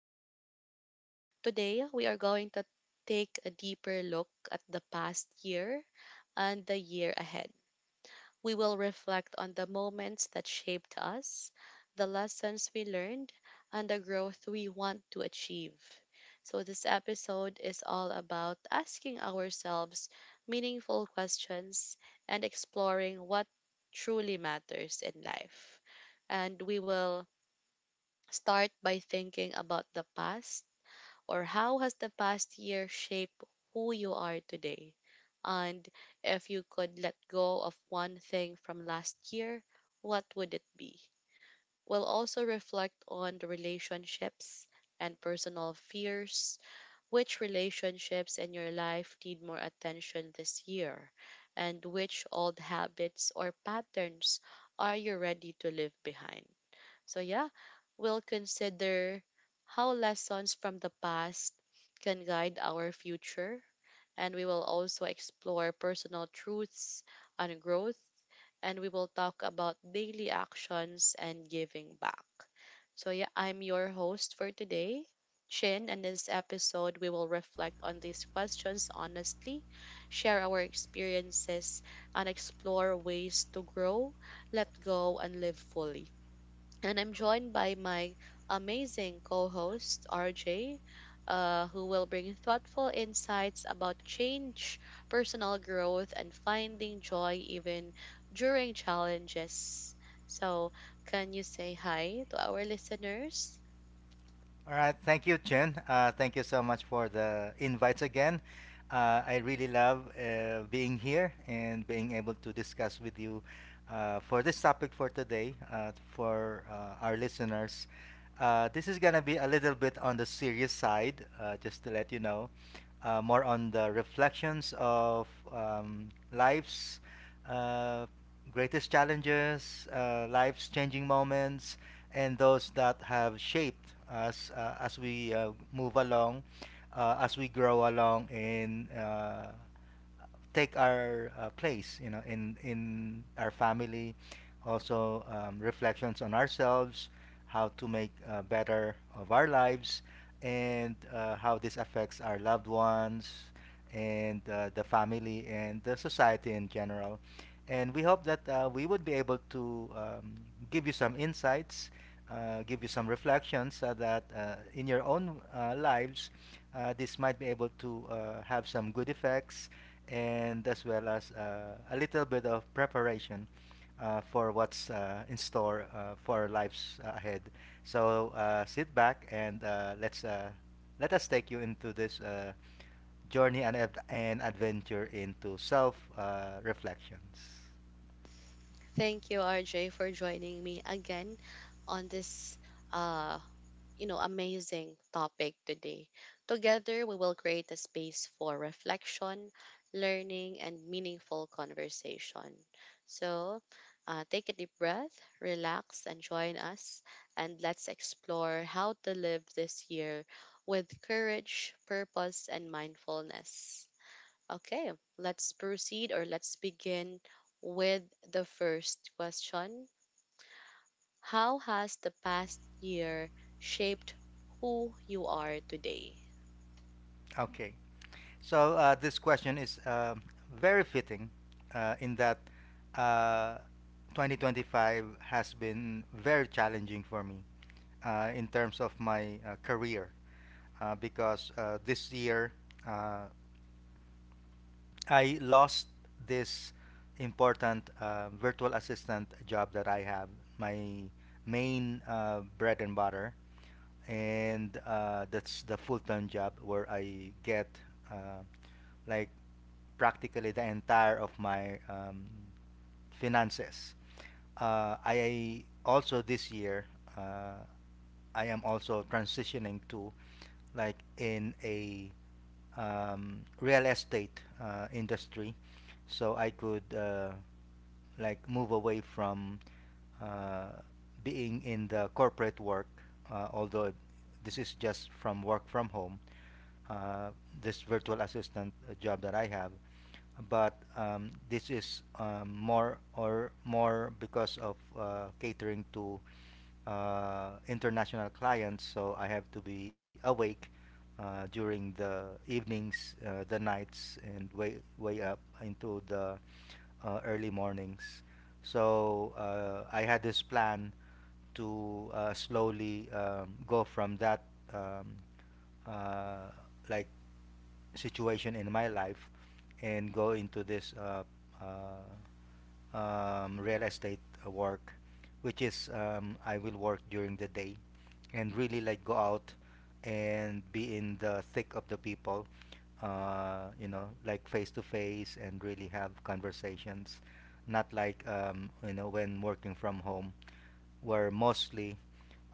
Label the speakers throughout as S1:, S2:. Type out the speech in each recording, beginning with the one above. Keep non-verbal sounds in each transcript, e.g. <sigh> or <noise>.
S1: podcast. Today, we are going to take a deeper look at the past year and the year ahead. We will reflect on the moments that shaped us, the lessons we learned, and the growth we want to achieve. So, this episode is all about asking ourselves meaningful questions and exploring what truly matters in life, and we will start by thinking about the past. Or how has the past year shaped who you are today? And if you could let go of one thing from last year, what would it be? We'll also reflect on the relationships and personal fears. Which relationships in your life need more attention this year? And which old habits or patterns are you ready to leave behind? So, yeah, we'll consider how lessons from the past can guide our future. And we will also explore personal truths and growth. And we will talk about daily actions and giving back. So, yeah, I'm your host for today, Chin. And this episode, we will reflect on these questions honestly, share our experiences, and explore ways to grow, let go, and live fully. And I'm joined by my amazing co host, RJ, who will bring thoughtful insights about change, personal growth, and finding joy even during challenges. So, can you say hi to our listeners?
S2: All right. Thank you, Chen. Thank you so much for the invites again. I really love being here and being able to discuss with you for this topic for today, for our listeners. This is going to be a little bit on the serious side, just to let you know. More on the reflections of life's uh, greatest challenges, life's changing moments, and those that have shaped us as we move along, as we grow along in take our place, you know, in our family. Also, reflections on ourselves, how to make better of our lives, and how this affects our loved ones, and the family and the society in general. And we hope that we would be able to give you some insights, give you some reflections so that in your own lives, this might be able to have some good effects and as well as a little bit of preparation for what's in store for our lives ahead. So sit back and let us take you into this journey and adventure into self reflections.
S1: Thank you, RJ, for joining me again on this uh, amazing topic today. Together, we will create a space for reflection, learning, and meaningful conversation. So, take a deep breath, relax, and join us. And let's explore how to live this year with courage, purpose, and mindfulness. Okay, let's proceed, or let's begin with the first question. How has the past year shaped who you are today?
S2: Okay. So this question is very fitting in that uh, 2025 has been very challenging for me in terms of my career because this year uh, I lost this important virtual assistant job that I have, my main bread and butter, and that's the full time job where I get uh, like practically the entire of my finances. I also this year uh, I am also transitioning to like in a real estate industry, so I could like move away from uh, being in the corporate work. Although this is just from work from home, uh, this virtual assistant job that I have, but this is more or more because of catering to international clients. So I have to be awake during the evenings, the nights, and way up into the early mornings. So I had this plan to slowly go from that um, uh, like situation in my life and go into this uh, real estate work, which is I will work during the day and really like go out and be in the thick of the people, you know, like face to face and really have conversations, not like you know when working from home where mostly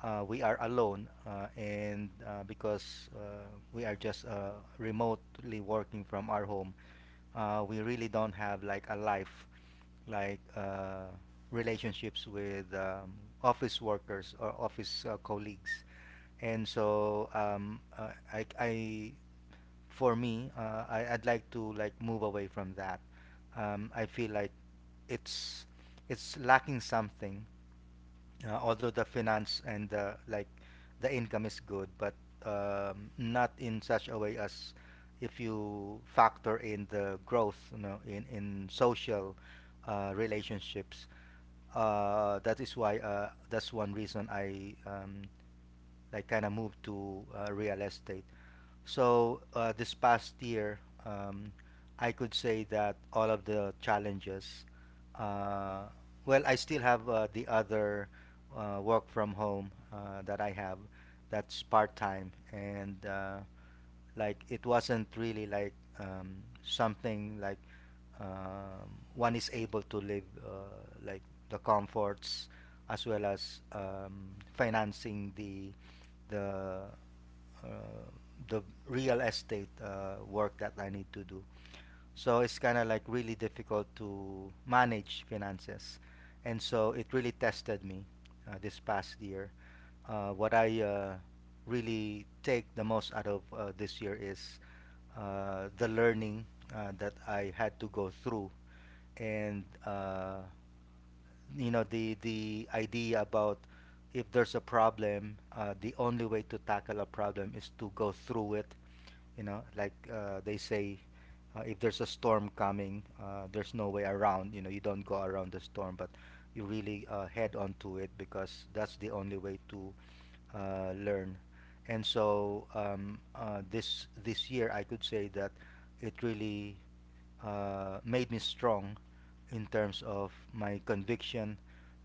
S2: we are alone and because we are just remotely working from our home we really don't have like a life like relationships with office workers or office colleagues and so I for me I'd like to like move away from that. I feel like it's it's lacking something although the finance and the like the income is good but not in such a way as if you factor in the growth, you know, in social relationships that is why that's one reason I like kind of moved to real estate. So this past year, um, I could say that all of the challenges. Uh, well, I still have the other work from home that I have, that's part time, and like it wasn't really like um, something like one is able to live like the comforts as well as financing the uh, the real estate work that I need to do. So it's kind of like really difficult to manage finances, and so it really tested me this past year. What I really take the most out of this year is the learning that I had to go through, and you know the idea about if there's a problem, the only way to tackle a problem is to go through it, you know, like they say, if there's a storm coming, there's no way around. You know, you don't go around the storm, but you really head on to it because that's the only way to learn. And so this year, I could say that it really made me strong in terms of my conviction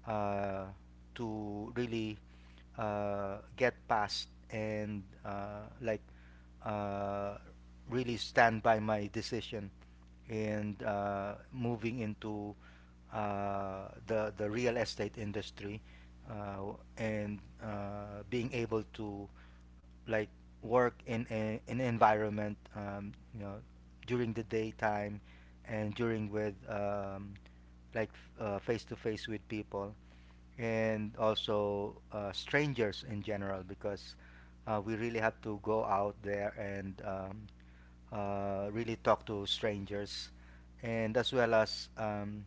S2: uh, to really get past and like uh, really stand by my decision and moving into the real estate industry and being able to like work in a, an environment, you know, during the daytime and during with like face to face with people and also strangers in general because we really have to go out there and really talk to strangers and as well as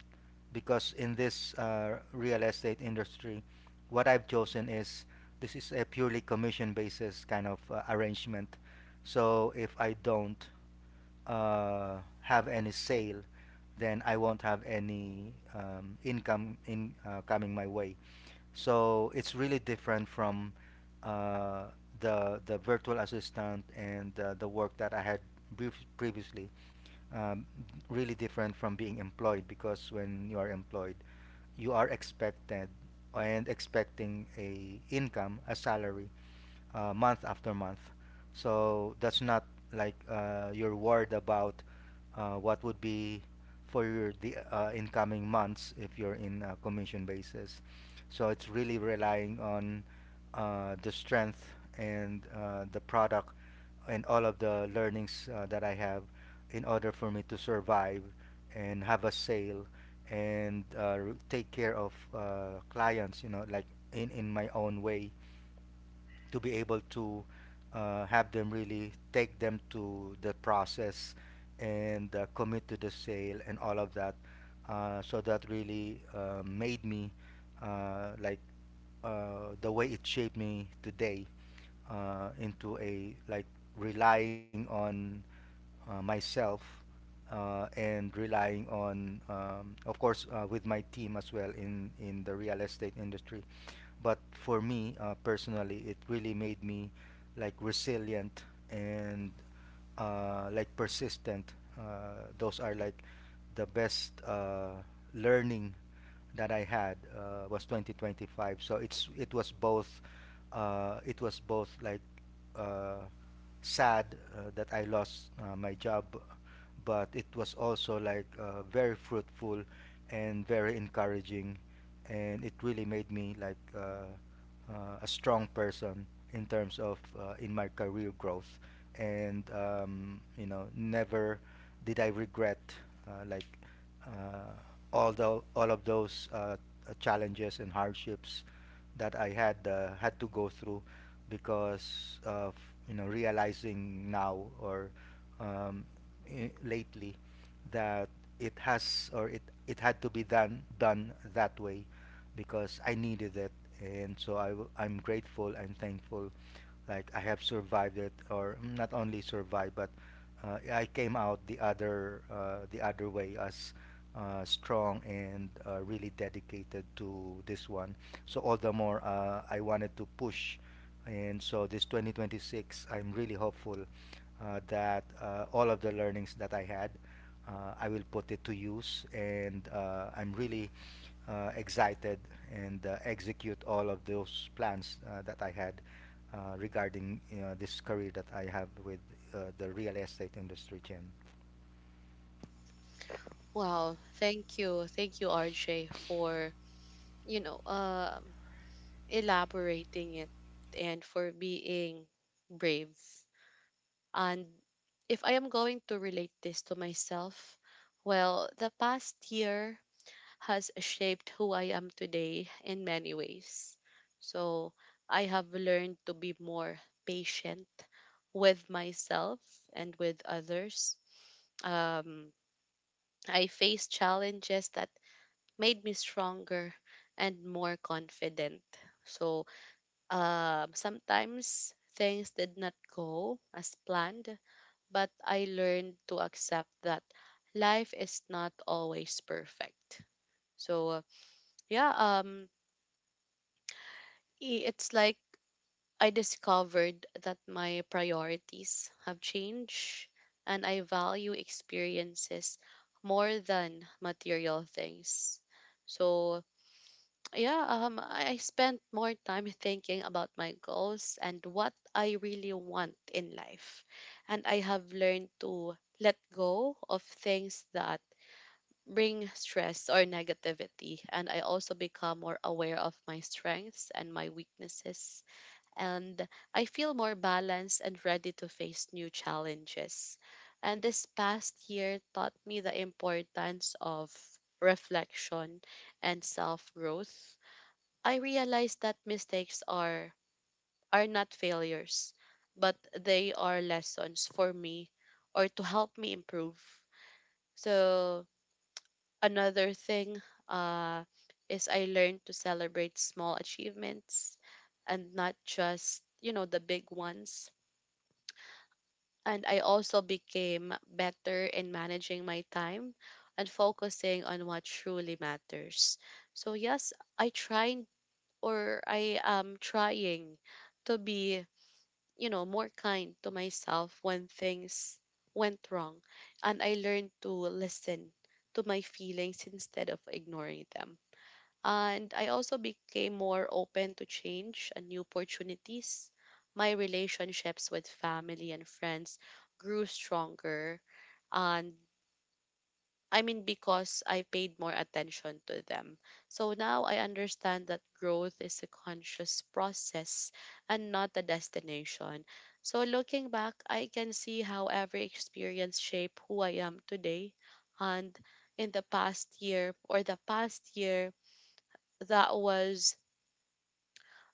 S2: because in this real estate industry what I've chosen is this is a purely commission basis kind of arrangement. So if I don't have any sale, then I won't have any income in coming my way. So it's really different from uh, the virtual assistant and the work that I had brief previously. Um, Really different from being employed because when you are employed, you are expected and expecting a income, a salary, month after month. So that's not like you're worried about what would be for your the incoming months if you're in a commission basis. So it's really relying on the strength and the product and all of the learnings that I have in order for me to survive and have a sale and take care of clients, you know, like in my own way to be able to have them really take them to the process and commit to the sale and all of that. So that really made me like the way it shaped me today into a like relying on myself and relying on of course with my team as well in the real estate industry but for me personally it really made me like resilient and like persistent. Those are like the best learning that I had was 2025, so it was both it was both like uh, sad that I lost my job, but it was also like very fruitful and very encouraging, and it really made me like a strong person in terms of in my career growth, and you know, never did I regret like uh, all the all of those challenges and hardships that I had had to go through because of, you know, realizing now or um, lately that it has or it had to be done that way because I needed it, and so I'm grateful. I'm thankful, like I have survived it, or not only survived, but I came out the other the other way as strong and really dedicated to this one. So all the more I wanted to push, and so this 2026 I'm really hopeful that all of the learnings that I had. I will put it to use, and I'm really excited and execute all of those plans that I had regarding this career that I have with the real estate industry, Jim.
S1: Wow, thank you. Thank you, RJ, for, you know, um elaborating it and for being brave. And if I am going to relate this to myself, well, the past year has shaped who I am today in many ways. So, I have learned to be more patient with myself and with others. Um, I faced challenges that made me stronger and more confident. So, sometimes things did not go as planned, but I learned to accept that life is not always perfect. So yeah, um, it's like I discovered that my priorities have changed and I value experiences more than material things. So, <tsk> yeah, I spent more time thinking about my goals and what I really want in life. And I have learned to let go of things that bring stress or negativity. And I also become more aware of my strengths and my weaknesses, and I feel more balanced and ready to face new challenges. And this past year taught me the importance of reflection and self growth. I realized that mistakes are not failures, but they are lessons for me or to help me improve. So another thing, uh, is I learned to celebrate small achievements and not just, you know, the big ones. And I also became better in managing my time and focusing on what truly matters. So yes, I tried, or I am trying to be, you know, more kind to myself when things went wrong. And I learned to listen to my feelings instead of ignoring them. And I also became more open to change and new opportunities. My relationships with family and friends grew stronger. And I mean, because I paid more attention to them. So now I understand that growth is a conscious process and not a destination. So looking back, I can see how every experience shaped who I am today. And in the past year, or the past year, that was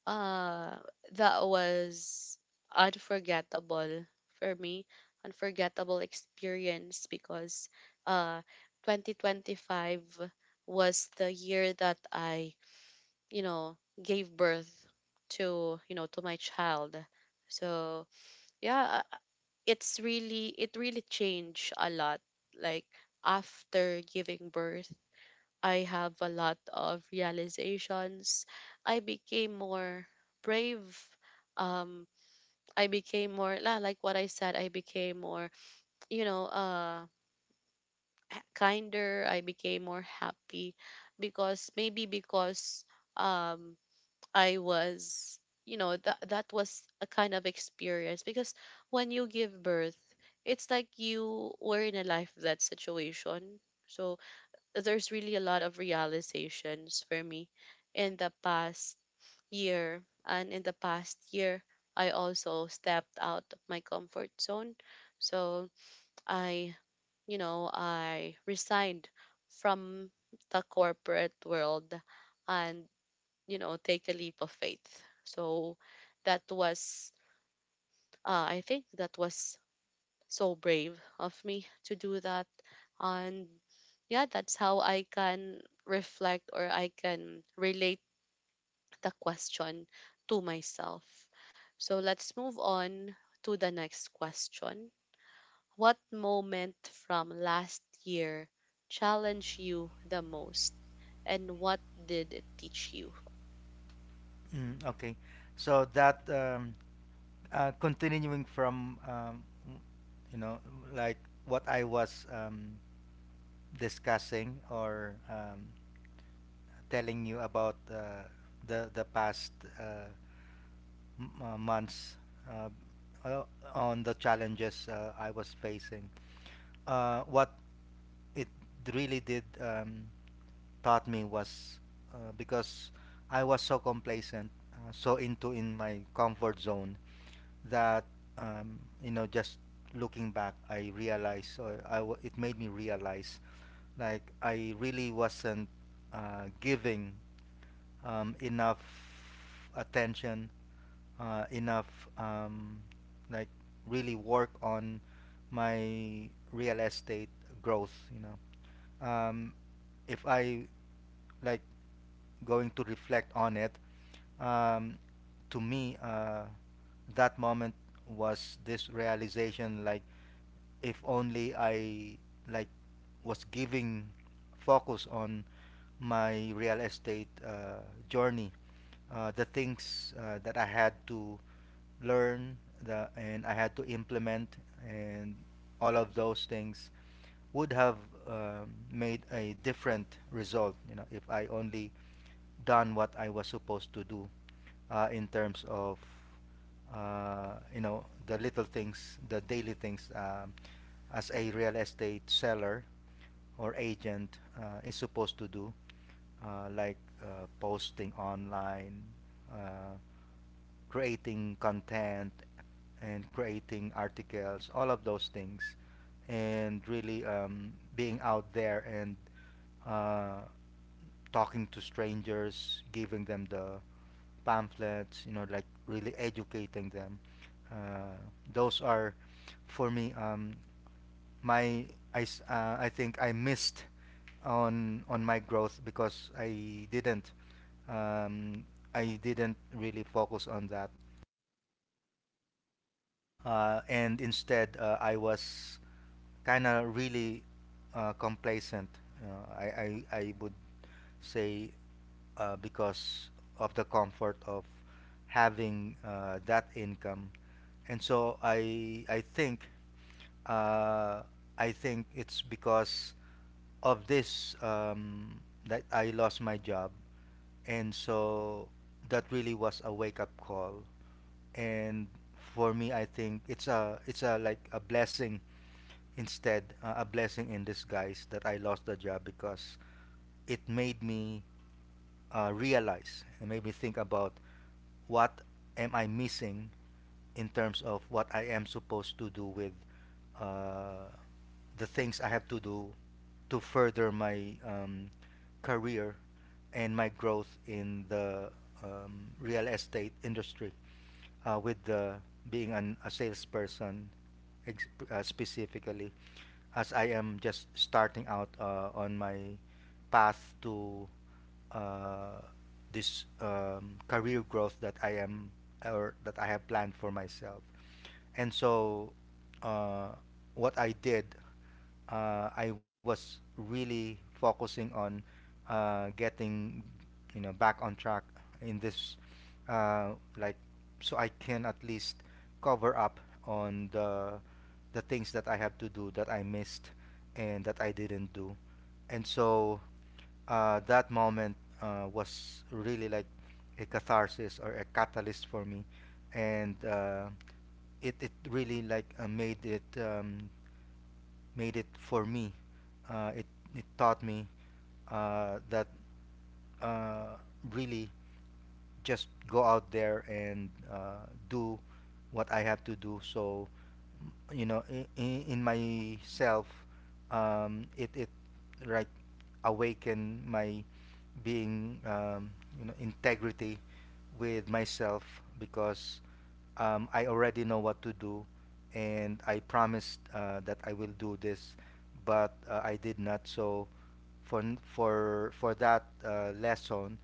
S1: Uh, that was unforgettable for me, unforgettable experience, because uh 2025 was the year that I, you know, gave birth to, you know, to my child. So, yeah, it really changed a lot. Like after giving birth, I have a lot of realizations. I became more brave. Um, I became more like what I said. I became more, you know, uh, kinder. I became more happy because maybe because um, I was, you know, that that was a kind of experience. Because when you give birth, it's like you were in a life that situation. So there's really a lot of realizations for me in the past year. And in the past year, I also stepped out of my comfort zone. So I, you know, I resigned from the corporate world and, you know, take a leap of faith. So that was, I think that was so brave of me to do that. And yeah, that's how I can reflect, or I can relate the question to myself. So let's move on to the next question. What moment from last year challenged you the most, and what did it teach you?
S2: Mm, okay, so that continuing from you know like what I was discussing or telling you about the past uh, months uh, uh, on the challenges I was facing. What it really did taught me was because I was so complacent, so into in my comfort zone that you know just looking back, I realized or it made me realize like I really wasn't giving enough attention, enough like really work on my real estate growth, um, if I like going to reflect on it, um, to me, that moment was this realization like if only I like was giving focus on my real estate journey, the things that I had to learn and I had to implement and all of those things would have made a different result, you know, if I only done what I was supposed to do in terms of you know the little things, the daily things, as a real estate seller or agent is supposed to do, like posting online, uh, creating content and creating articles, all of those things, and really being out there and uh, talking to strangers, giving them the pamphlets, you know, like really educating them. Uh, those are, for me, my I I think I missed on my growth because um, I didn't really focus on that, and instead I was kind of really complacent. I would say because of the comfort of having that income, and so I think uh, I think it's because of this that I lost my job, and so that really was a wake up call. And for me, I think it's a like a blessing instead a blessing in disguise that I lost the job, because it made me realize and made me think about what am I missing in terms of what I am supposed to do with uh, the things I have to do to further my career and my growth in the real estate industry, with being a salesperson, specifically as I am just starting out on my path to uh, this career growth that I am or that I have planned for myself. And so, uh, what I did, I was really focusing on getting, you know, back on track in this, uh, like, so I can at least cover up on the things that I have to do that I missed and that I didn't do. And so that moment was really like a catharsis or a catalyst for me, and it really like made it for me. Uh, it it taught me that uh, really just go out there and do what I have to do. So you know, in myself, it like awaken my being, you know, integrity with myself, because I already know what to do, and I promised that I will do this, but I did not. So for n- for that lesson,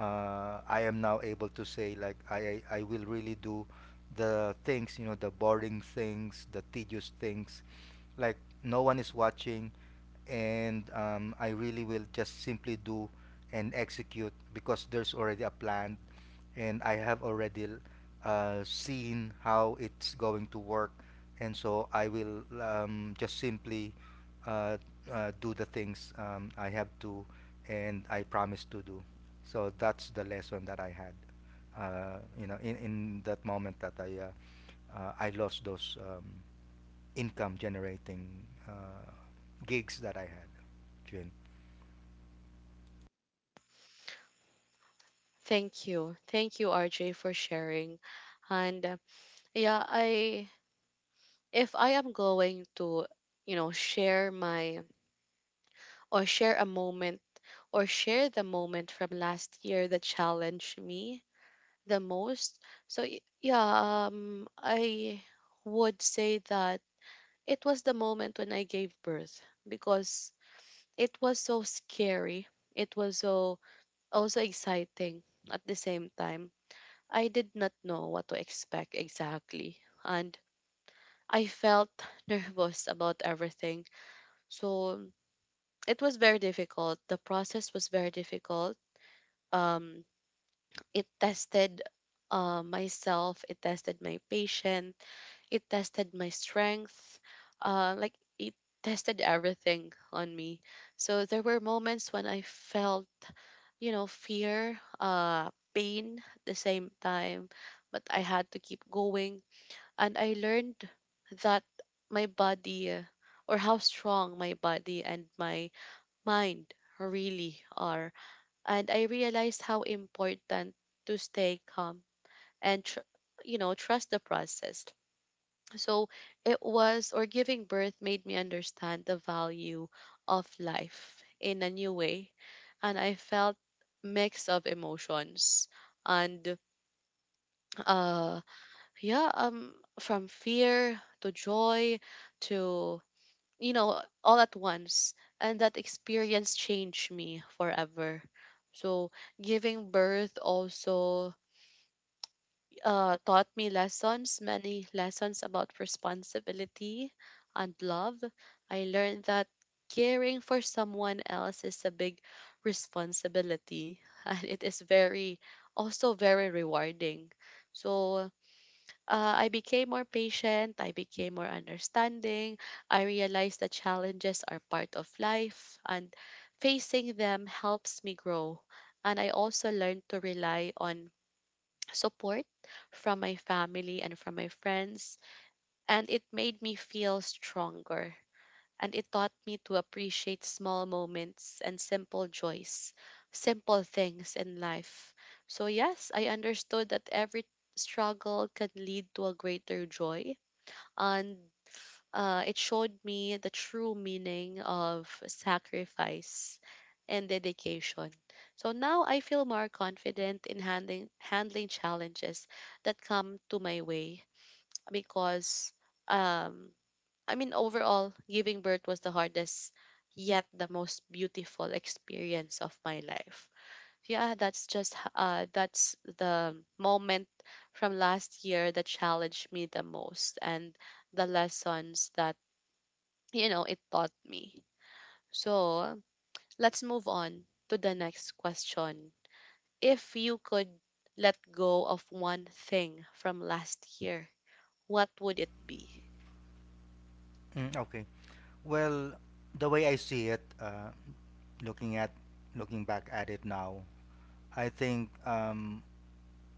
S2: I am now able to say like I will really do the things, you know, the boring things, the tedious things, like no one is watching, and I really will just simply do and execute because there's already a plan, and I have already seen how it's going to work. And so I will just simply uh, do the things I have to and I promise to do. So that's the lesson that I had, you know, in that moment that I lost those income generating gigs that I had June.
S1: Thank you, thank you, RJ, for sharing. And yeah I if I am going to, you know, share my, or share a moment, or share the moment from last year that challenged me the most. So yeah, I would say that it was the moment when I gave birth because it was so scary. It was so also exciting at the same time. I did not know what to expect exactly, and I felt <laughs> nervous about everything. So it was very difficult. The process was very difficult. um, it tested myself, it tested my patience, it tested my strength, like it tested everything on me. So there were moments when I felt, you know, fear, pain at the same time, but I had to keep going. And I learned that my body, or how strong my body and my mind really are. And I realized how important to stay calm and you know, trust the process. So it was, or giving birth made me understand the value of life in a new way. And I felt mix of emotions and uh yeah um from fear to joy to, you know, all at once. And that experience changed me forever. So giving birth also, taught me lessons, many lessons about responsibility and love. I learned that caring for someone else is a big responsibility <laughs> and it is very also very rewarding. So I became more patient, I became more understanding. I realized that challenges are part of life and facing them helps me grow. And I also learned to rely on support from my family and from my friends, and it made me feel stronger. And it taught me to appreciate small moments and simple joys, simple things in life. So, yes, I understood that every struggle can lead to a greater joy. And it showed me the true meaning of sacrifice and dedication. So now I feel more confident in handling challenges that come to my way, because um I mean, overall giving birth was the hardest yet the most beautiful experience of my life. Yeah, that's just that's the moment from last year that challenged me the most, and the lessons that, you know, it taught me. So let's move on to the next question. If you could let go of one thing from last year, what would it be?
S2: Mm, okay. Well, the way I see it, looking at looking back at it now, I think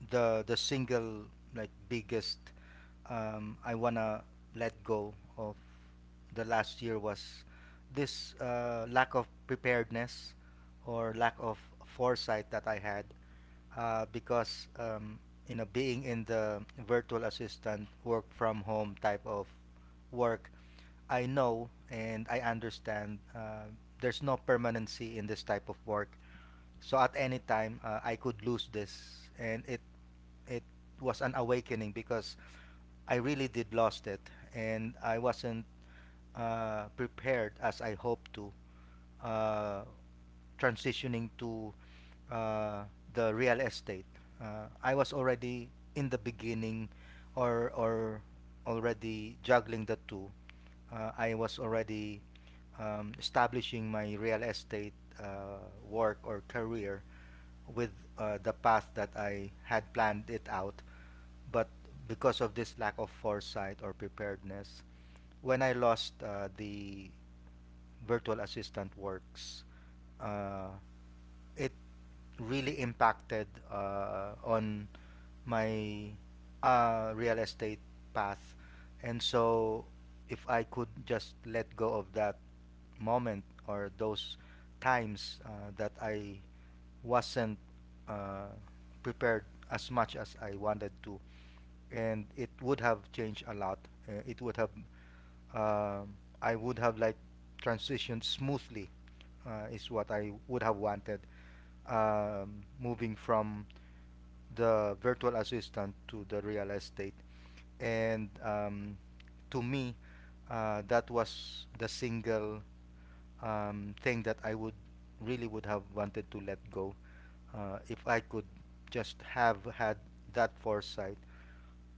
S2: the single like biggest I wanna let go of the last year was this lack of preparedness or lack of foresight that I had, because you know, being in the virtual assistant work from home type of work, I know and I understand there's no permanency in this type of work. So at any time I could lose this, and it was an awakening because I really did lost it, and I wasn't prepared as I hoped to. uh, Transitioning to uh, the real estate, I was already in the beginning, or already juggling the two. I was already establishing my real estate work or career with the path that I had planned it out. But because of this lack of foresight or preparedness, when I lost the virtual assistant works, uh, it really impacted on my real estate path. And so, if I could just let go of that moment or those times that I wasn't uh, prepared as much as I wanted to, and it would have changed a lot. It would have, um I would have like transitioned smoothly, is what I would have wanted, moving from the virtual assistant to the real estate. And to me, that was the single thing that I would really would have wanted to let go, if I could just have had that foresight.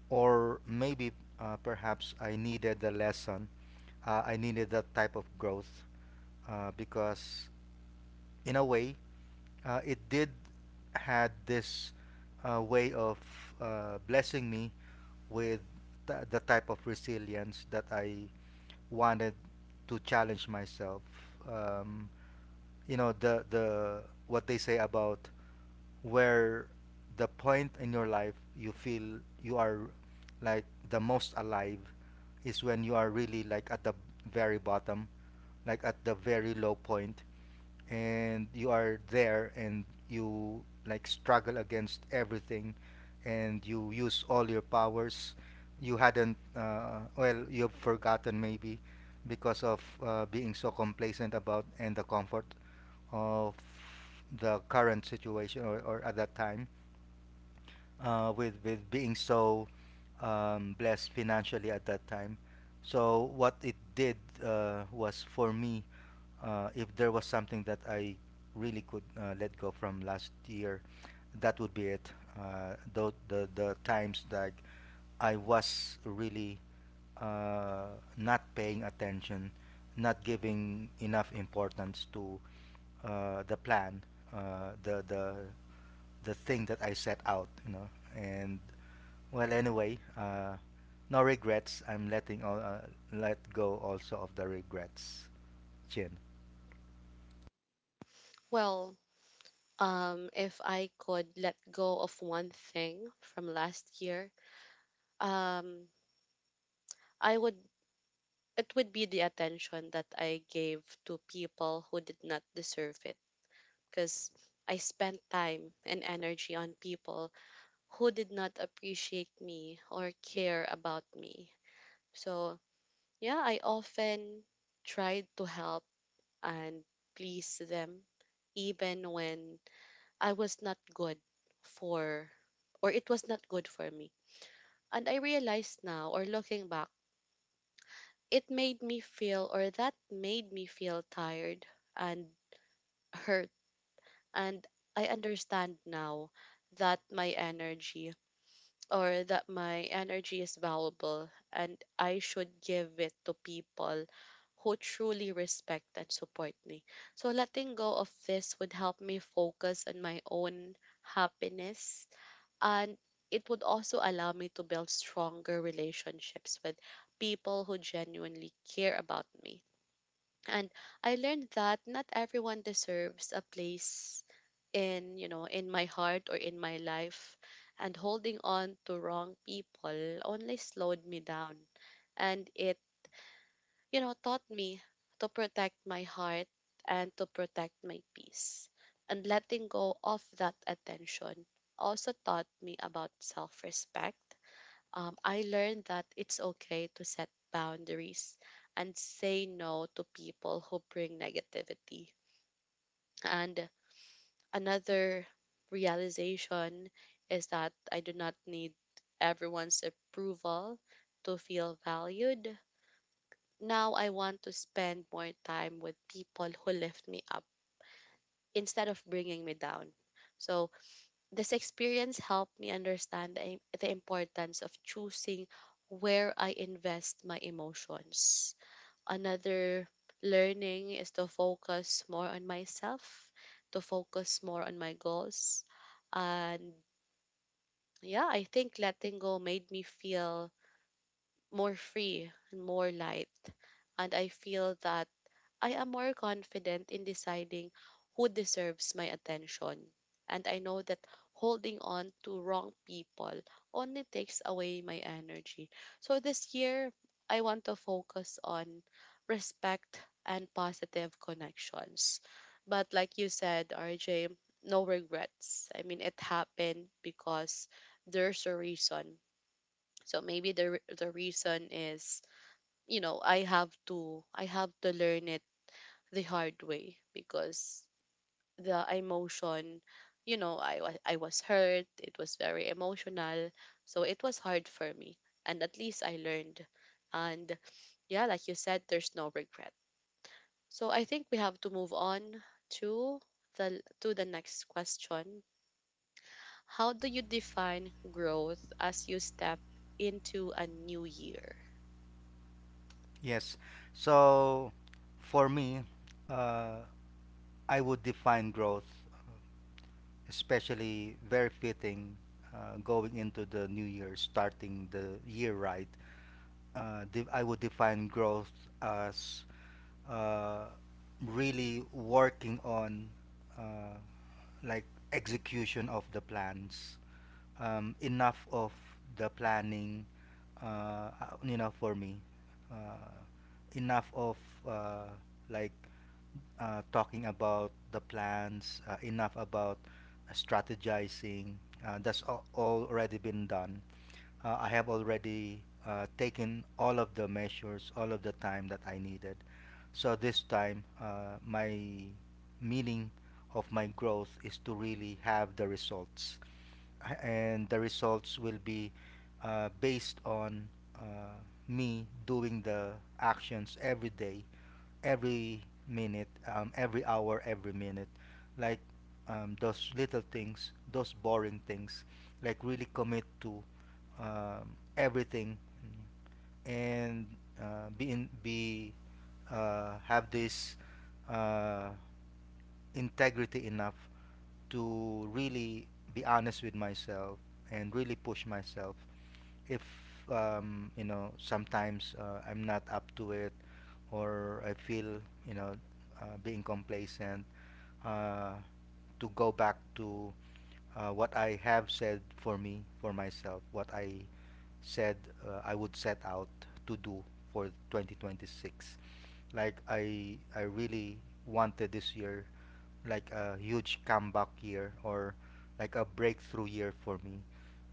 S2: Or maybe perhaps I needed the lesson, I needed that type of growth because, in a way, it did had this way of blessing me with the type of resilience that I wanted to challenge myself. Um, you know, the what they say about where the point in your life you feel you are like the most alive is when you are really like at the very bottom, like at the very low point, and you are there and you like struggle against everything and you use all your powers you hadn't well, you've forgotten maybe because of being so complacent about, and the comfort of the current situation, or at that time with being so blessed financially at that time. So what it did was for me, if there was something that I really could let go from last year, that would be it. The the times that I was really not paying attention, not giving enough importance to the plan, uh, the the the thing that I set out, you know, and well, anyway, no regrets. I'm letting let go also of the regrets, Chin.
S1: Well, if I could let go of one thing from last year, um, I would, it would be the attention that I gave to people who did not deserve it, because I spent time and energy on people who did not appreciate me or care about me. So, yeah, I often tried to help and please them even when I was not good for, or it was not good for me. And I realized now, or looking back, it made me feel, or that made me feel tired and hurt. And I understand now that my energy, or that my energy is valuable, and I should give it to people who truly respect and support me. So letting go of this would help me focus on my own happiness. And it would also allow me to build stronger relationships with people who genuinely care about me. And I learned that not everyone deserves a place in, you know, in my heart or in my life, and holding on to wrong people only slowed me down. And it, you know, taught me to protect my heart and to protect my peace. And letting go of that attention also taught me about self-respect. I learned that it's okay to set boundaries and say no to people who bring negativity. And another realization is that I do not need everyone's approval to feel valued. Now I want to spend more time with people who lift me up instead of bringing me down. So, this experience helped me understand the, the importance of choosing where I invest my emotions. Another learning is to focus more on myself, to focus more on my goals. And yeah, I think letting go made me feel more free and more light. And I feel that I am more confident in deciding who deserves my attention. And I know that holding on to wrong people only takes away my energy. So this year, I want to focus on respect and positive connections. But like you said, RJ, no regrets. I mean, it happened because there's a reason. So maybe the reason is, you know, I have to learn it the hard way because the emotion, you know, I was hurt. It was very emotional, so it was hard for me, and at least I learned. And yeah, like you said, there's no regret, so I think we have to move on to to the next question. How do you define growth as you step into a new year?
S2: Yes. So, for me, uh, I would define growth, especially very fitting going into the new year, starting the year right. I would define growth as uh, really working on uh, like execution of the plans. Enough of the planning, uh, you know, for me. Uh, Enough of uh, like talking about the plans, enough about strategizing. That's all already been done. I have already taken all of the measures, all of the time that I needed. So this time, my meaning of my growth is to really have the results, and the results will be based on uh, me doing the actions every day, every minute, every hour, every minute. Like those little things, those boring things, like really commit to everything, and be have this uh, integrity enough to really be honest with myself and really push myself. If you know, sometimes I'm not up to it, or I feel, you know, being complacent, uh, to go back to what I have said for me for myself, what I said I would set out to do for 2026. Like I really wanted this year like a huge comeback year, or like a breakthrough year for me.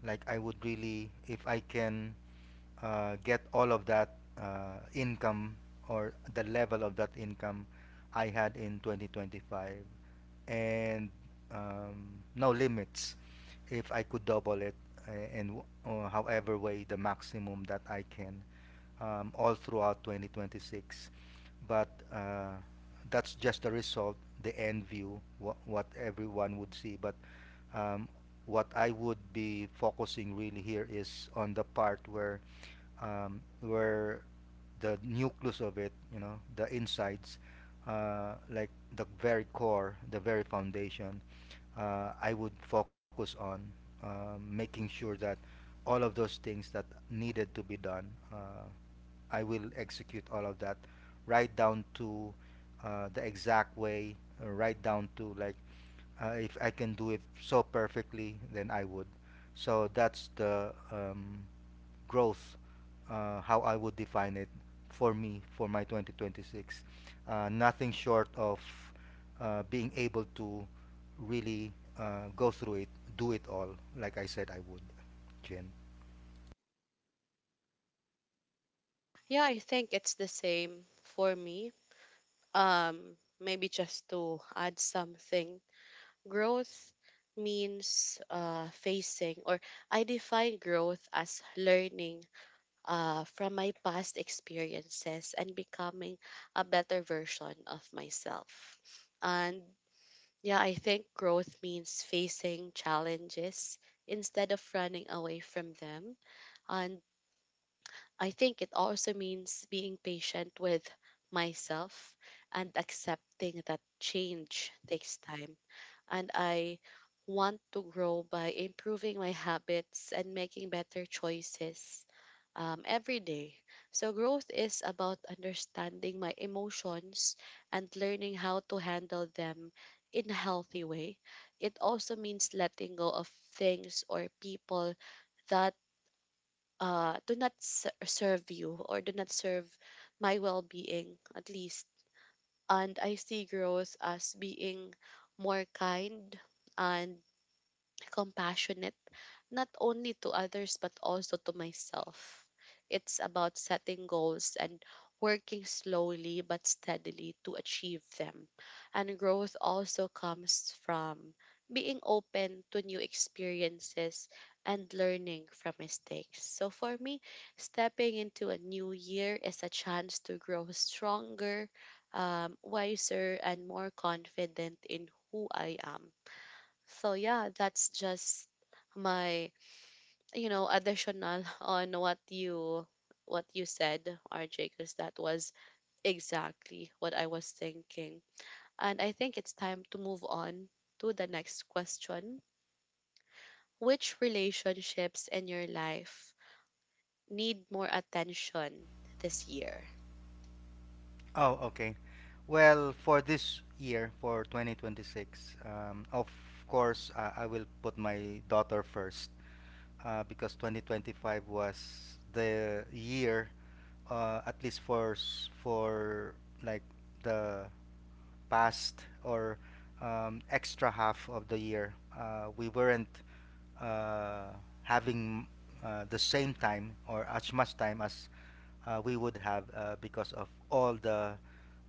S2: Like I would really, if I can get all of that income or the level of that income I had in 2025, and no limits, if I could double it, uh, and w- however way the maximum that I can, all throughout 2026. But that's just the result, the end view, what everyone would see. But um, what I would be focusing really here is on the part where the nucleus of it, you know, the insides, uh, like the very core, the very foundation, I would focus on making sure that all of those things that needed to be done, uh, I will execute all of that right down to the exact way, right down to like if I can do it so perfectly, then I would. So that's the growth, how I would define it for me for my 2026. Nothing short of being able to really go through it, do it all, like I said I would, Jen.
S1: Yeah, I think it's the same for me. Maybe just to add something. Growth means facing, or I define growth as learning from my past experiences and becoming a better version of myself. And yeah, I think growth means facing challenges instead of running away from them. And I think it also means being patient with myself and accepting that change takes time, and I want to grow by improving my habits and making better choices every day. So, growth is about understanding my emotions and learning how to handle them in a healthy way. It also means letting go of things or people that do not ser- serve you, or do not serve my well being, at least. And I see growth as being more kind and compassionate, not only to others but also to myself. It's about setting goals and working slowly but steadily to achieve them. And growth also comes from being open to new experiences and learning from mistakes. So for me, stepping into a new year is a chance to grow stronger, wiser, and more confident in who I am. So yeah, that's just my, you know, additional <laughs> on what you said, RJ, because that was exactly what I was thinking. And I think it's time to move on to the next question. Which relationships in your life need more attention this year?
S2: Oh, okay. Well, for this year, for 2026, of course, I will put my daughter first because 2025 was the year, at least for like the past or extra half of the year, we weren't uh, having the same time or as much time as we would have because of all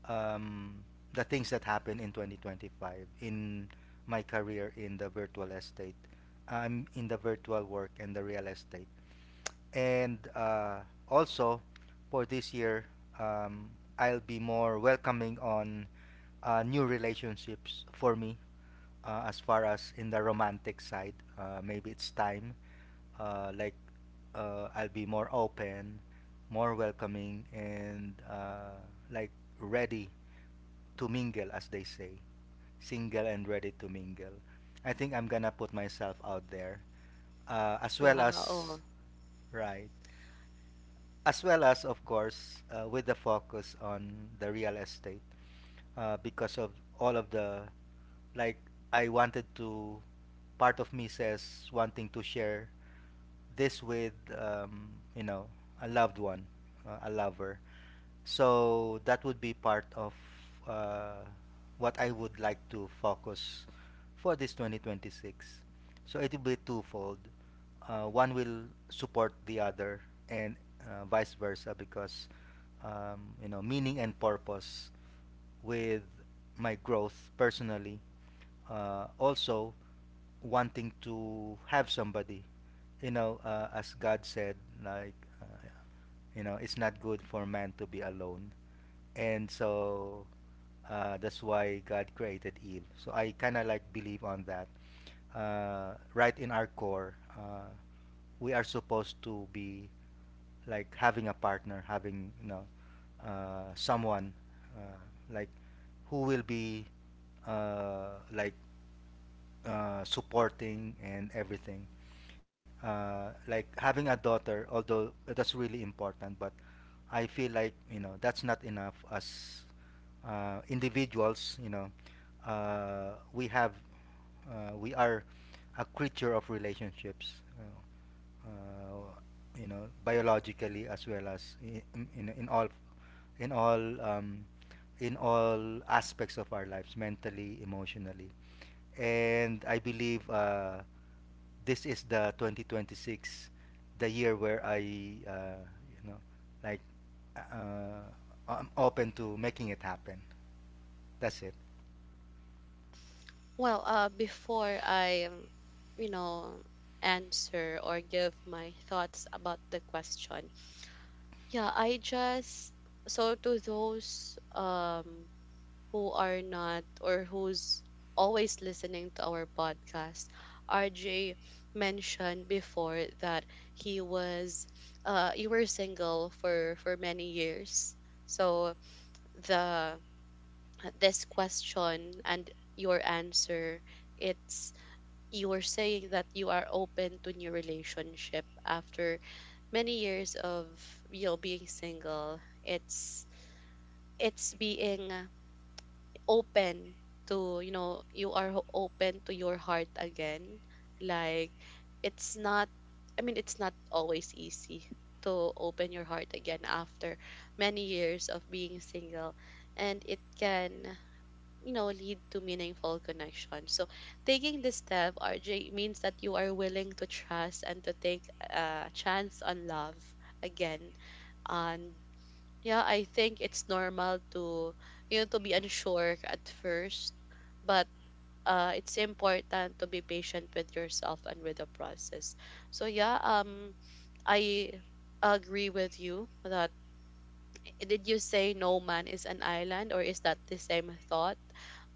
S2: um, the things that happened in 2025 in my career in the virtual estate, I'm in the virtual work and the real estate. And also, for this year, um, I'll be more welcoming on new relationships for me, as far as in the romantic side. Maybe it's time, uh, like I'll be more open, more welcoming, and like ready to mingle, as they say, single and ready to mingle. I think I'm gonna put myself out there, as well as,
S1: Wow.
S2: right, as well as, of course, with the focus on the real estate. Uh, because of all of the, like I wanted to, part of me says wanting to share this with you know, a loved one, a lover. So that would be part of uh, what I would like to focus for this 2026. So it will be twofold. One will support the other, and vice versa, because you know, meaning and purpose with my growth personally. Also, wanting to have somebody, you know, as God said, like uh, you know, it's not good for man to be alone, and so that's why God created Eve. So I kind of like believe on that. Right in our core, we are supposed to be, like, having a partner, having, you know, someone uh, like who will be, uh, like supporting and everything, like having a daughter, although that's really important, but I feel like, you know, that's not enough as individuals. You know, uh, we have we are a creature of relationships. You know, you know, biologically, as well as in all, in all, in all aspects of our lives, mentally, emotionally. And I believe this is the 2026, the year where I you know, like uh, I'm open to making it happen. That's it.
S1: Well, before I, you know, answer or give my thoughts about the question, yeah, I just, so to those who are not, or who's always listening to our podcast, RJ mentioned before that he was, you were single for many years. So the, this question and your answer, it's, you were saying that you are open to new relationship after many years of, you know, being single. It's being open to, you know, you are open to your heart again. Like, it's not, I mean, it's not always easy to open your heart again after many years of being single, and it can, you know, lead to meaningful connection. So taking this step, RJ, means that you are willing to trust and to take a chance on love again. And yeah, I think it's normal to, you know, to be unsure at first, but it's important to be patient with yourself and with the process. So yeah, I agree with you that, eh, did you say no man is an island, or is that the same thought?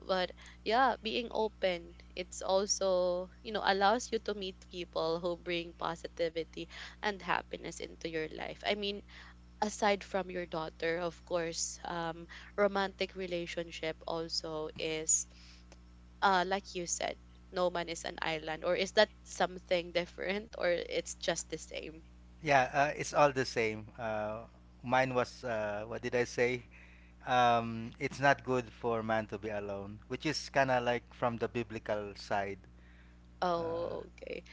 S1: But yeah, being open, it's also, you know, allows you to meet people who bring positivity and happiness into your life. I mean, aside from your daughter, of course, romantic relationship also is, like you said, no man is an island. Or is that something different, or it's just the same?
S2: Yeah, it's all the same. Uh, mine was, what did I say, it's not good for man to be alone, which is kind of like from the biblical side. uh,
S1: Oh, okay.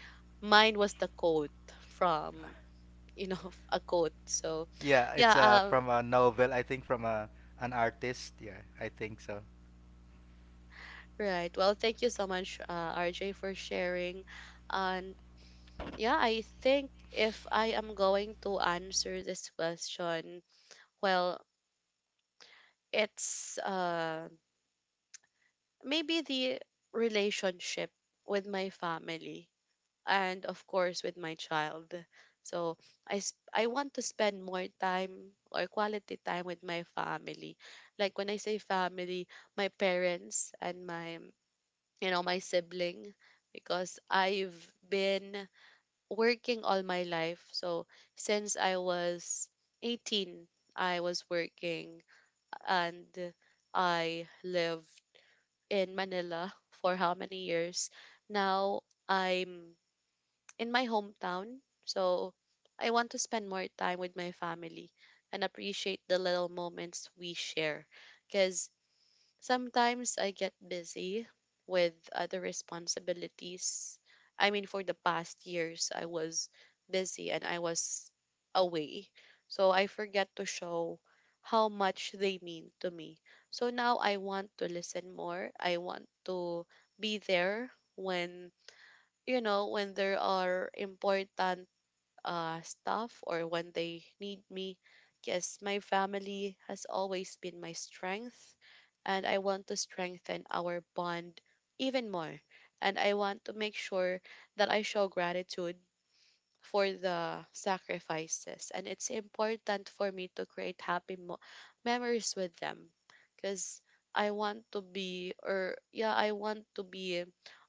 S1: Mine was the quote from, you know, <laughs> a quote. So,
S2: yeah,
S1: yeah.
S2: it's from a novel, I think, from a, an artist, yeah, I think so.
S1: Right. Well, thank you so much, RJ, for sharing. And yeah, I think if I am going to answer this question, well, it's maybe the relationship with my family, and of course with my child. So I want to spend more time, or quality time, with my family. Like when I say family, my parents and my, you know, my sibling. Because I've been working all my life, so since I was 18, I was working, and I live in Manila for how many years. Now I'm in my hometown, so I want to spend more time with my family and appreciate the little moments we share. Because sometimes I get busy with other responsibilities. I mean, for the past years, I was busy and I was away. So I forget to show how much they mean to me. So now I want to listen more. I want to be there when, you know, when there are important stuff, or when they need me, because my family has always been my strength, and I want to strengthen our bond even more. And I want to make sure that I show gratitude for the sacrifices. And it's important for me to create happy memories with them, because I want to be, or yeah, I want to be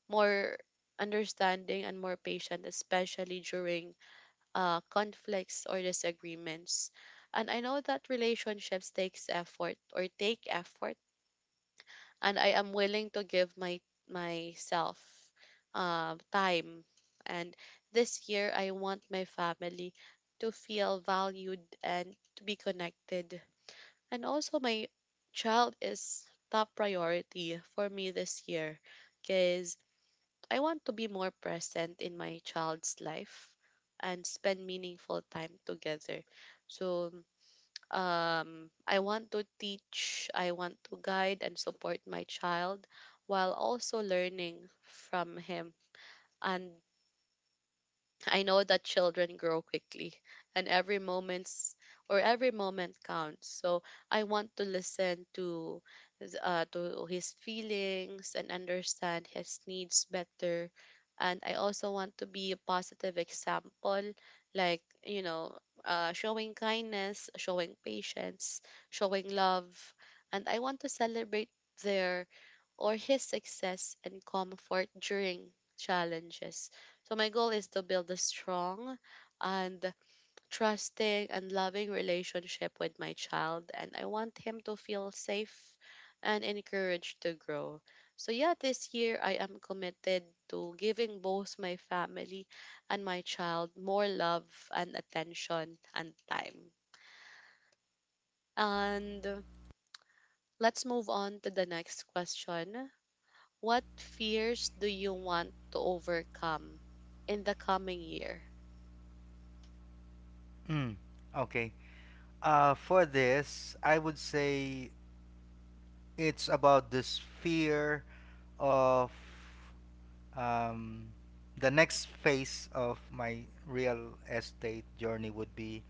S1: more understanding and more patient, especially during conflicts or disagreements. And I know that relationships takes effort or take effort, and I am willing to give my myself time. And this year, I want my family to feel valued and to be connected. And also, my child is top priority for me this year, because I want to be more present in my child's life and spend meaningful time together. So, I want to teach, I want to guide and support my child while also learning from him. And I know that children grow quickly and every moment's or every moment counts. So I want to listen to to his feelings and understand his needs better. And I also want to be a positive example, like, you know, showing kindness, showing patience, showing love. And I want to celebrate their or his success, and comfort during challenges. So my goal is to build a strong and trusting and loving relationship with my child, and I want him to feel safe and encouraged to grow. So yeah, this year I am committed to giving both my family and my child more love and attention and time. And let's move on to the next question. What fears do you want to overcome in the coming year?
S2: Mm, okay. For this, I would say it's about this fear of, um, the next phase of my real estate journey would be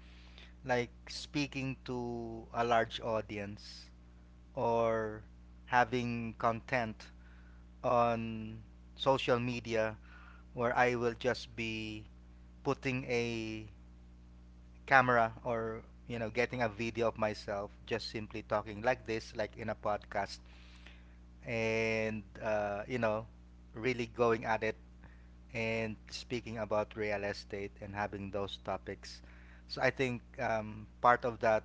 S2: like speaking to a large audience, or having content on social media, where I will just be putting a camera, or, you know, getting a video of myself just simply talking like this, like in a podcast, and you know, really going at it and speaking about real estate and having those topics. So I think part of that,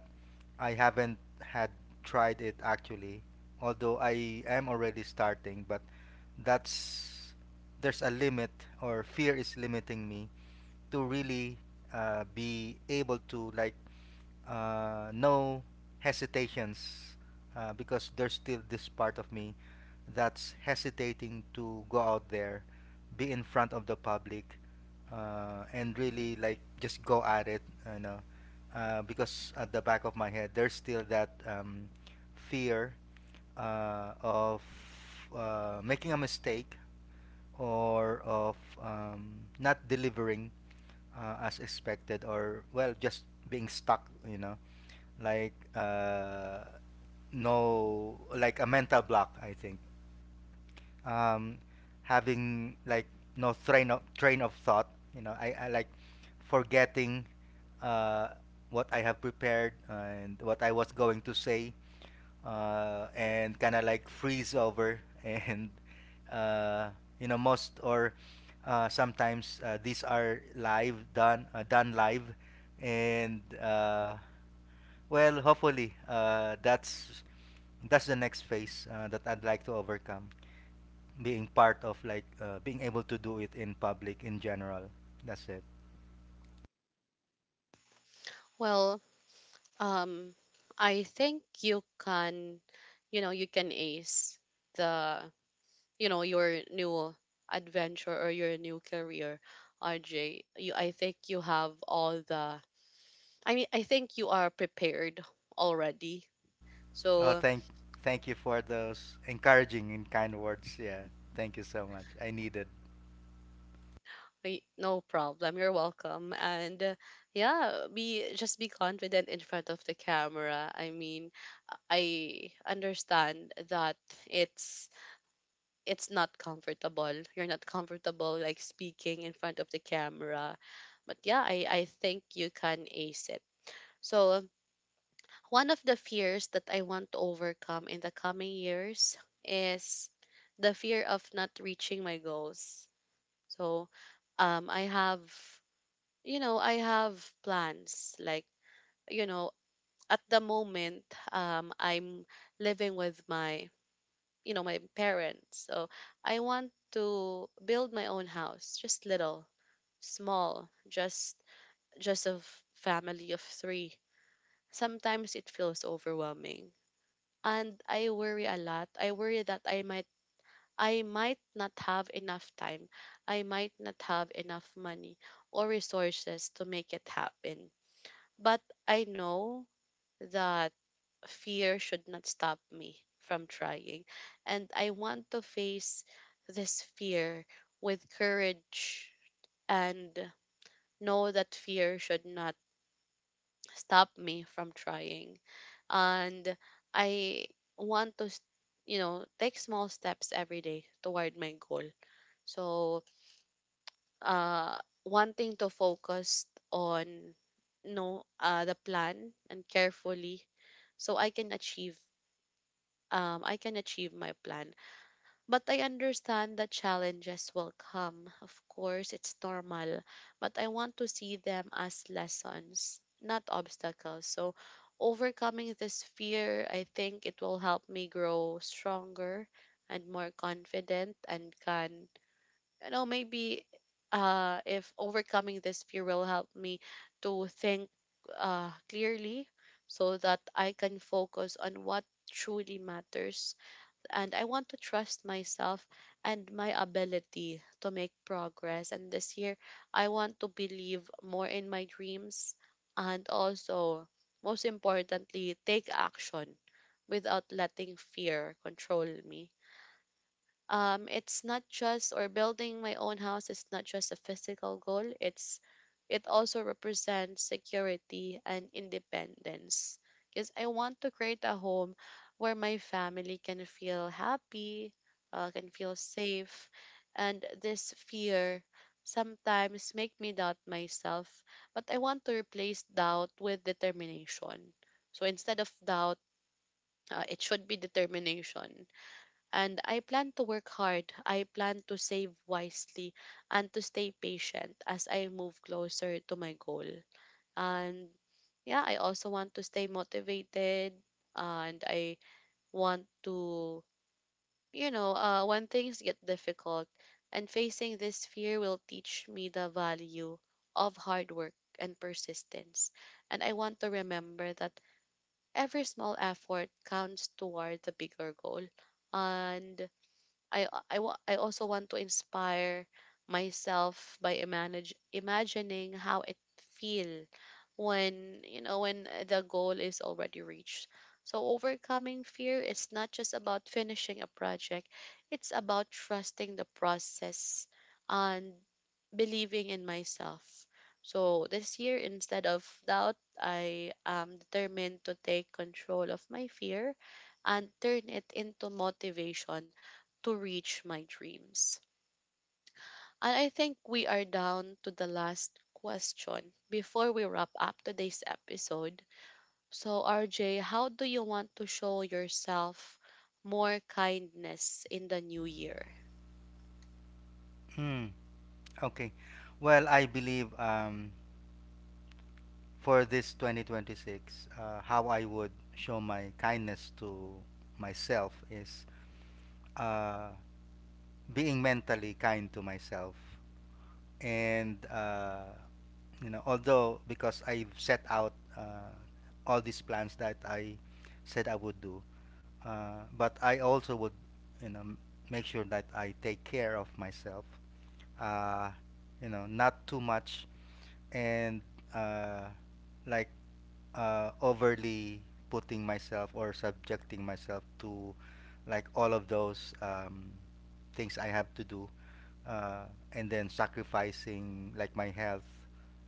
S2: I haven't had tried it actually, although I am already starting, but that's, there's a limit, or fear is limiting me to really be able to, no, hesitations because there's still this part of me that's hesitating to go out there, be in front of the public, and really like just go at it, you know, because at the back of my head there's still that fear of making a mistake, or of not delivering as expected, or, well, just being stuck, you know, like uh, no, like a mental block, I think. Um, having like no train of thought, you know. I like forgetting uh, what I have prepared and what I was going to say, and kind of like freeze over <laughs> and uh, you know, most, or sometimes these are live done, done live, and well, hopefully, that's the next phase that I'd like to overcome, being part of like being able to do it in public in general. That's it.
S1: Well, um, I think you can, you know, you can ace the, you know, your new adventure or your new career, RJ. You, I think you have all the, I mean, I think you are prepared already.
S2: oh
S1: So,
S2: thank thank you for those encouraging and kind words. Yeah, thank you so much, I needed.
S1: No problem. You're welcome. And yeah, be, just be confident in front of the camera. I mean, I understand that it's it's not comfortable. You're not comfortable like speaking in front of the camera. But yeah, I think you can ace it. So, one of the fears that I want to overcome in the coming years is the fear of not reaching my goals. So, I have, you know, I have plans. Like, you know, at the moment, I'm living with my, you know, my parents. So I want to build my own house, just little, small, just a family of three. Sometimes it feels overwhelming, and I worry a lot. I worry that I might not have enough time. I might not have enough money or resources to make it happen. But I know that fear should not stop me from trying. And I want to face this fear with courage, and know that fear should not stop me from trying. And I want to, you know, take small steps every day toward my goal. So, uh, wanting to focus on no, the plan and carefully, so I can achieve my plan. But I understand that challenges will come. Of course, it's normal. But I want to see them as lessons, not obstacles. So, overcoming this fear, I think it will help me grow stronger and more confident, and can, you know, maybe if overcoming this fear will help me to think clearly, so that I can focus on what truly matters. And I want to trust myself and my ability to make progress. And this year, I want to believe more in my dreams and also, most importantly, take action without letting fear control me. It's not just or building my own house is not just a physical goal, it's it also represents security and independence because I want to create a home where my family can feel happy, can feel safe. And this fear sometimes make me doubt myself, but I want to replace doubt with determination. So instead of doubt, it should be determination. And I plan to work hard. I plan to save wisely and to stay patient as I move closer to my goal. And yeah, I also want to stay motivated, and I want to, when things get difficult, and facing this fear will teach me the value of hard work and persistence. And I want to remember that every small effort counts toward the bigger goal. And I I I also want to inspire myself by manage imagining how it feel when when the goal is already reached. So overcoming fear is not just about finishing a project; it's about trusting the process and believing in myself. So this year, instead of doubt, I am determined to take control of my fear and turn it into motivation to reach my dreams. And I think we are down to the last question before we wrap up today's episode. So, RJ, how do you want to show yourself more kindness in the new year?
S2: Mm. Okay. Well, I believe for this 2026, how I would show my kindness to myself is uh, being mentally kind to myself. And you know, although, because I've set out all these plans that I said I would do, but I also would, you know, make sure that I take care of myself. Uh, you know, not too much, and uh, like overly putting myself or subjecting myself to like all of those things I have to do, uh, and then sacrificing like my health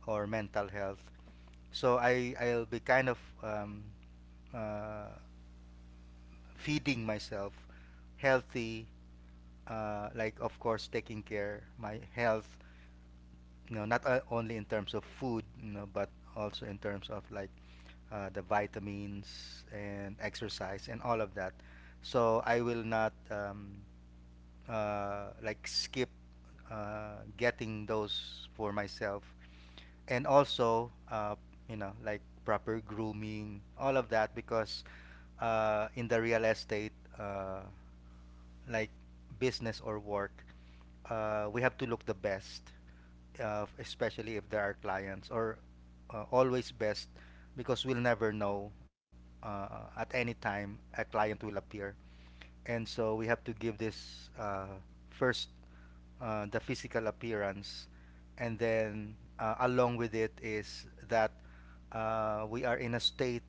S2: or mental health. So I'll be kind of uh, feeding myself healthy, like, of course, taking care my health. You know, not only in terms of food, you know, but also in terms of like the vitamins and exercise and all of that. So I will not like skip getting those for myself, and also you know, like proper grooming, all of that, because in the real estate. Like business or work, we have to look the best, especially if there are clients, or always best, because we'll never know at any time a client will appear. And so we have to give this first the physical appearance, and then along with it is that we are in a state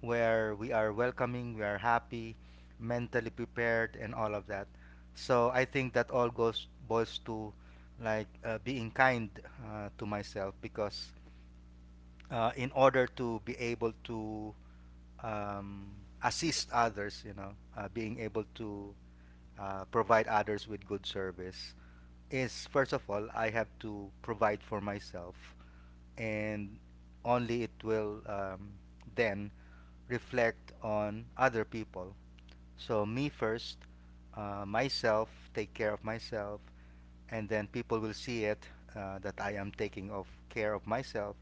S2: where we are welcoming, we are happy, mentally prepared, and all of that. So I think that all goes boils to like being kind to myself, because in order to be able to um, assist others, you know, being able to provide others with good service, is first of all I have to provide for myself, and only it will then reflect on other people. So me first, myself, take care of myself, and then people will see it that I am taking of care of myself,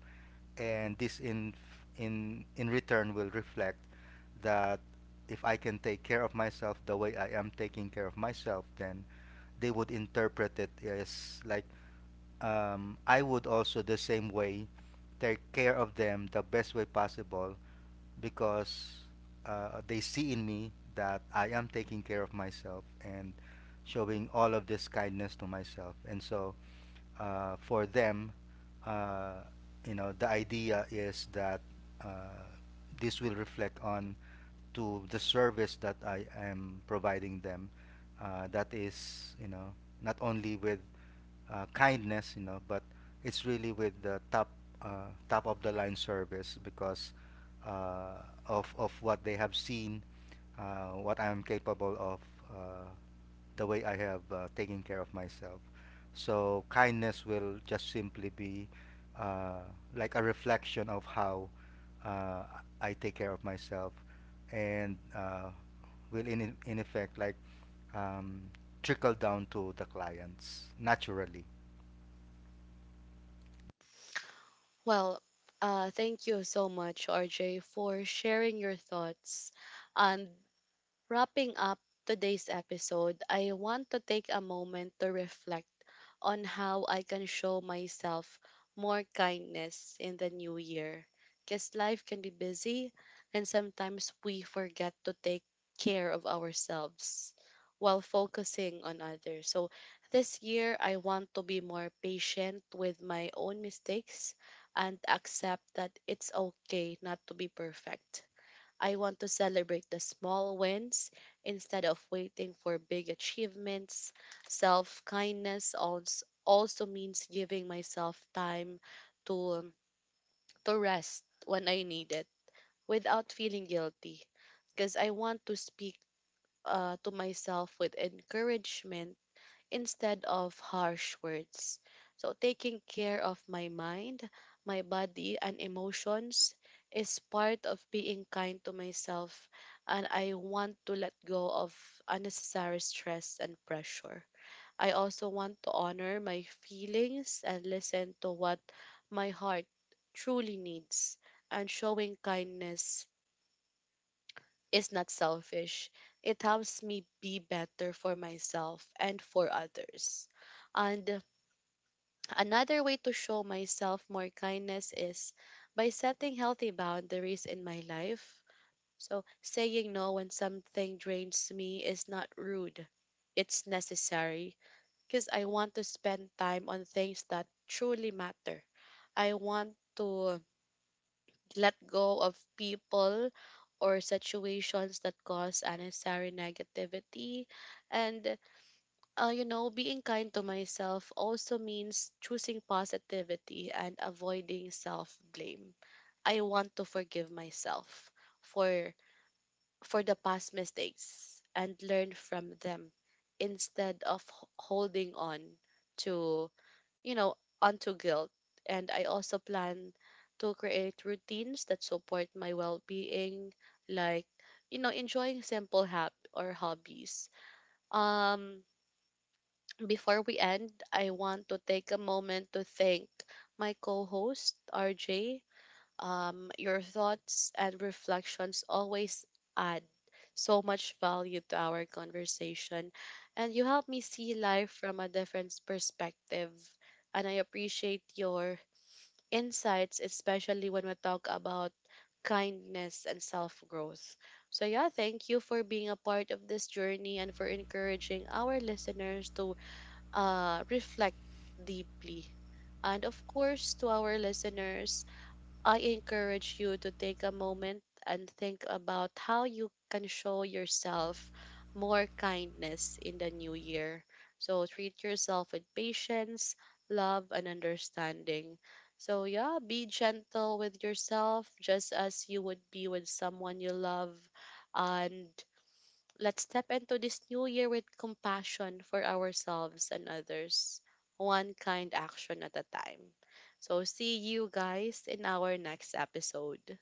S2: and this in return will reflect that if I can take care of myself the way I am taking care of myself, then they would interpret it as like I would also the same way take care of them the best way possible, because they see in me that I am taking care of myself and showing all of this kindness to myself. And so for them, uh, you know, the idea is that uh, this will reflect on to the service that I am providing them. That is, you know, not only with kindness, you know, but it's really with the top top of the line service, because uh, of what they have seen, what I'm capable of, uh, the way I have taken care of myself. So kindness will just simply be uh, like a reflection of how uh, I take care of myself, and will in effect like um, trickle down to the clients naturally.
S1: Well, thank you so much, RJ, for sharing your thoughts. And wrapping up today's episode, I want to take a moment to reflect on how I can show myself more kindness in the new year. Because life can be busy, and sometimes we forget to take care of ourselves while focusing on others. So, this year, I want to be more patient with my own mistakes and accept that it's okay not to be perfect. I want to celebrate the small wins instead of waiting for big achievements. Self kindness also means giving myself time to, to rest when I need it without feeling guilty, because I want to speak to myself with encouragement instead of harsh words. So, taking care of my mind, my body, and emotions is part of being kind to myself, and I want to let go of unnecessary stress and pressure. I also want to honor my feelings and listen to what my heart truly needs, and showing kindness is not selfish. It helps me be better for myself and for others. And another way to show myself more kindness is by setting healthy boundaries in my life. So, saying no when something drains me is not rude, it's necessary because I want to spend time on things that truly matter. I want to let go of people or situations that cause unnecessary negativity, and being kind to myself also means choosing positivity and avoiding self-blame. I want to forgive myself for for the past mistakes and learn from them instead of holding on to, you know, onto guilt. And I also plan to create routines that support my well-being, like enjoying simple hab or hobbies. Um, Before we end, I want to take a moment to thank my co host, RJ. Your thoughts and reflections always add so much value to our conversation, and you help me see life from a different perspective. And I appreciate your insights, especially when we talk about kindness and self growth. So, yeah, thank you for being a part of this journey and for encouraging our listeners to reflect deeply. And of course, to our listeners, I encourage you to take a moment and think about how you can show yourself more kindness in the new year. So treat yourself with patience, love, and understanding. So, yeah, be gentle with yourself just as you would be with someone you love. And let's step into this new year with compassion for ourselves and others, one kind action at a time. So, see you guys in our next episode.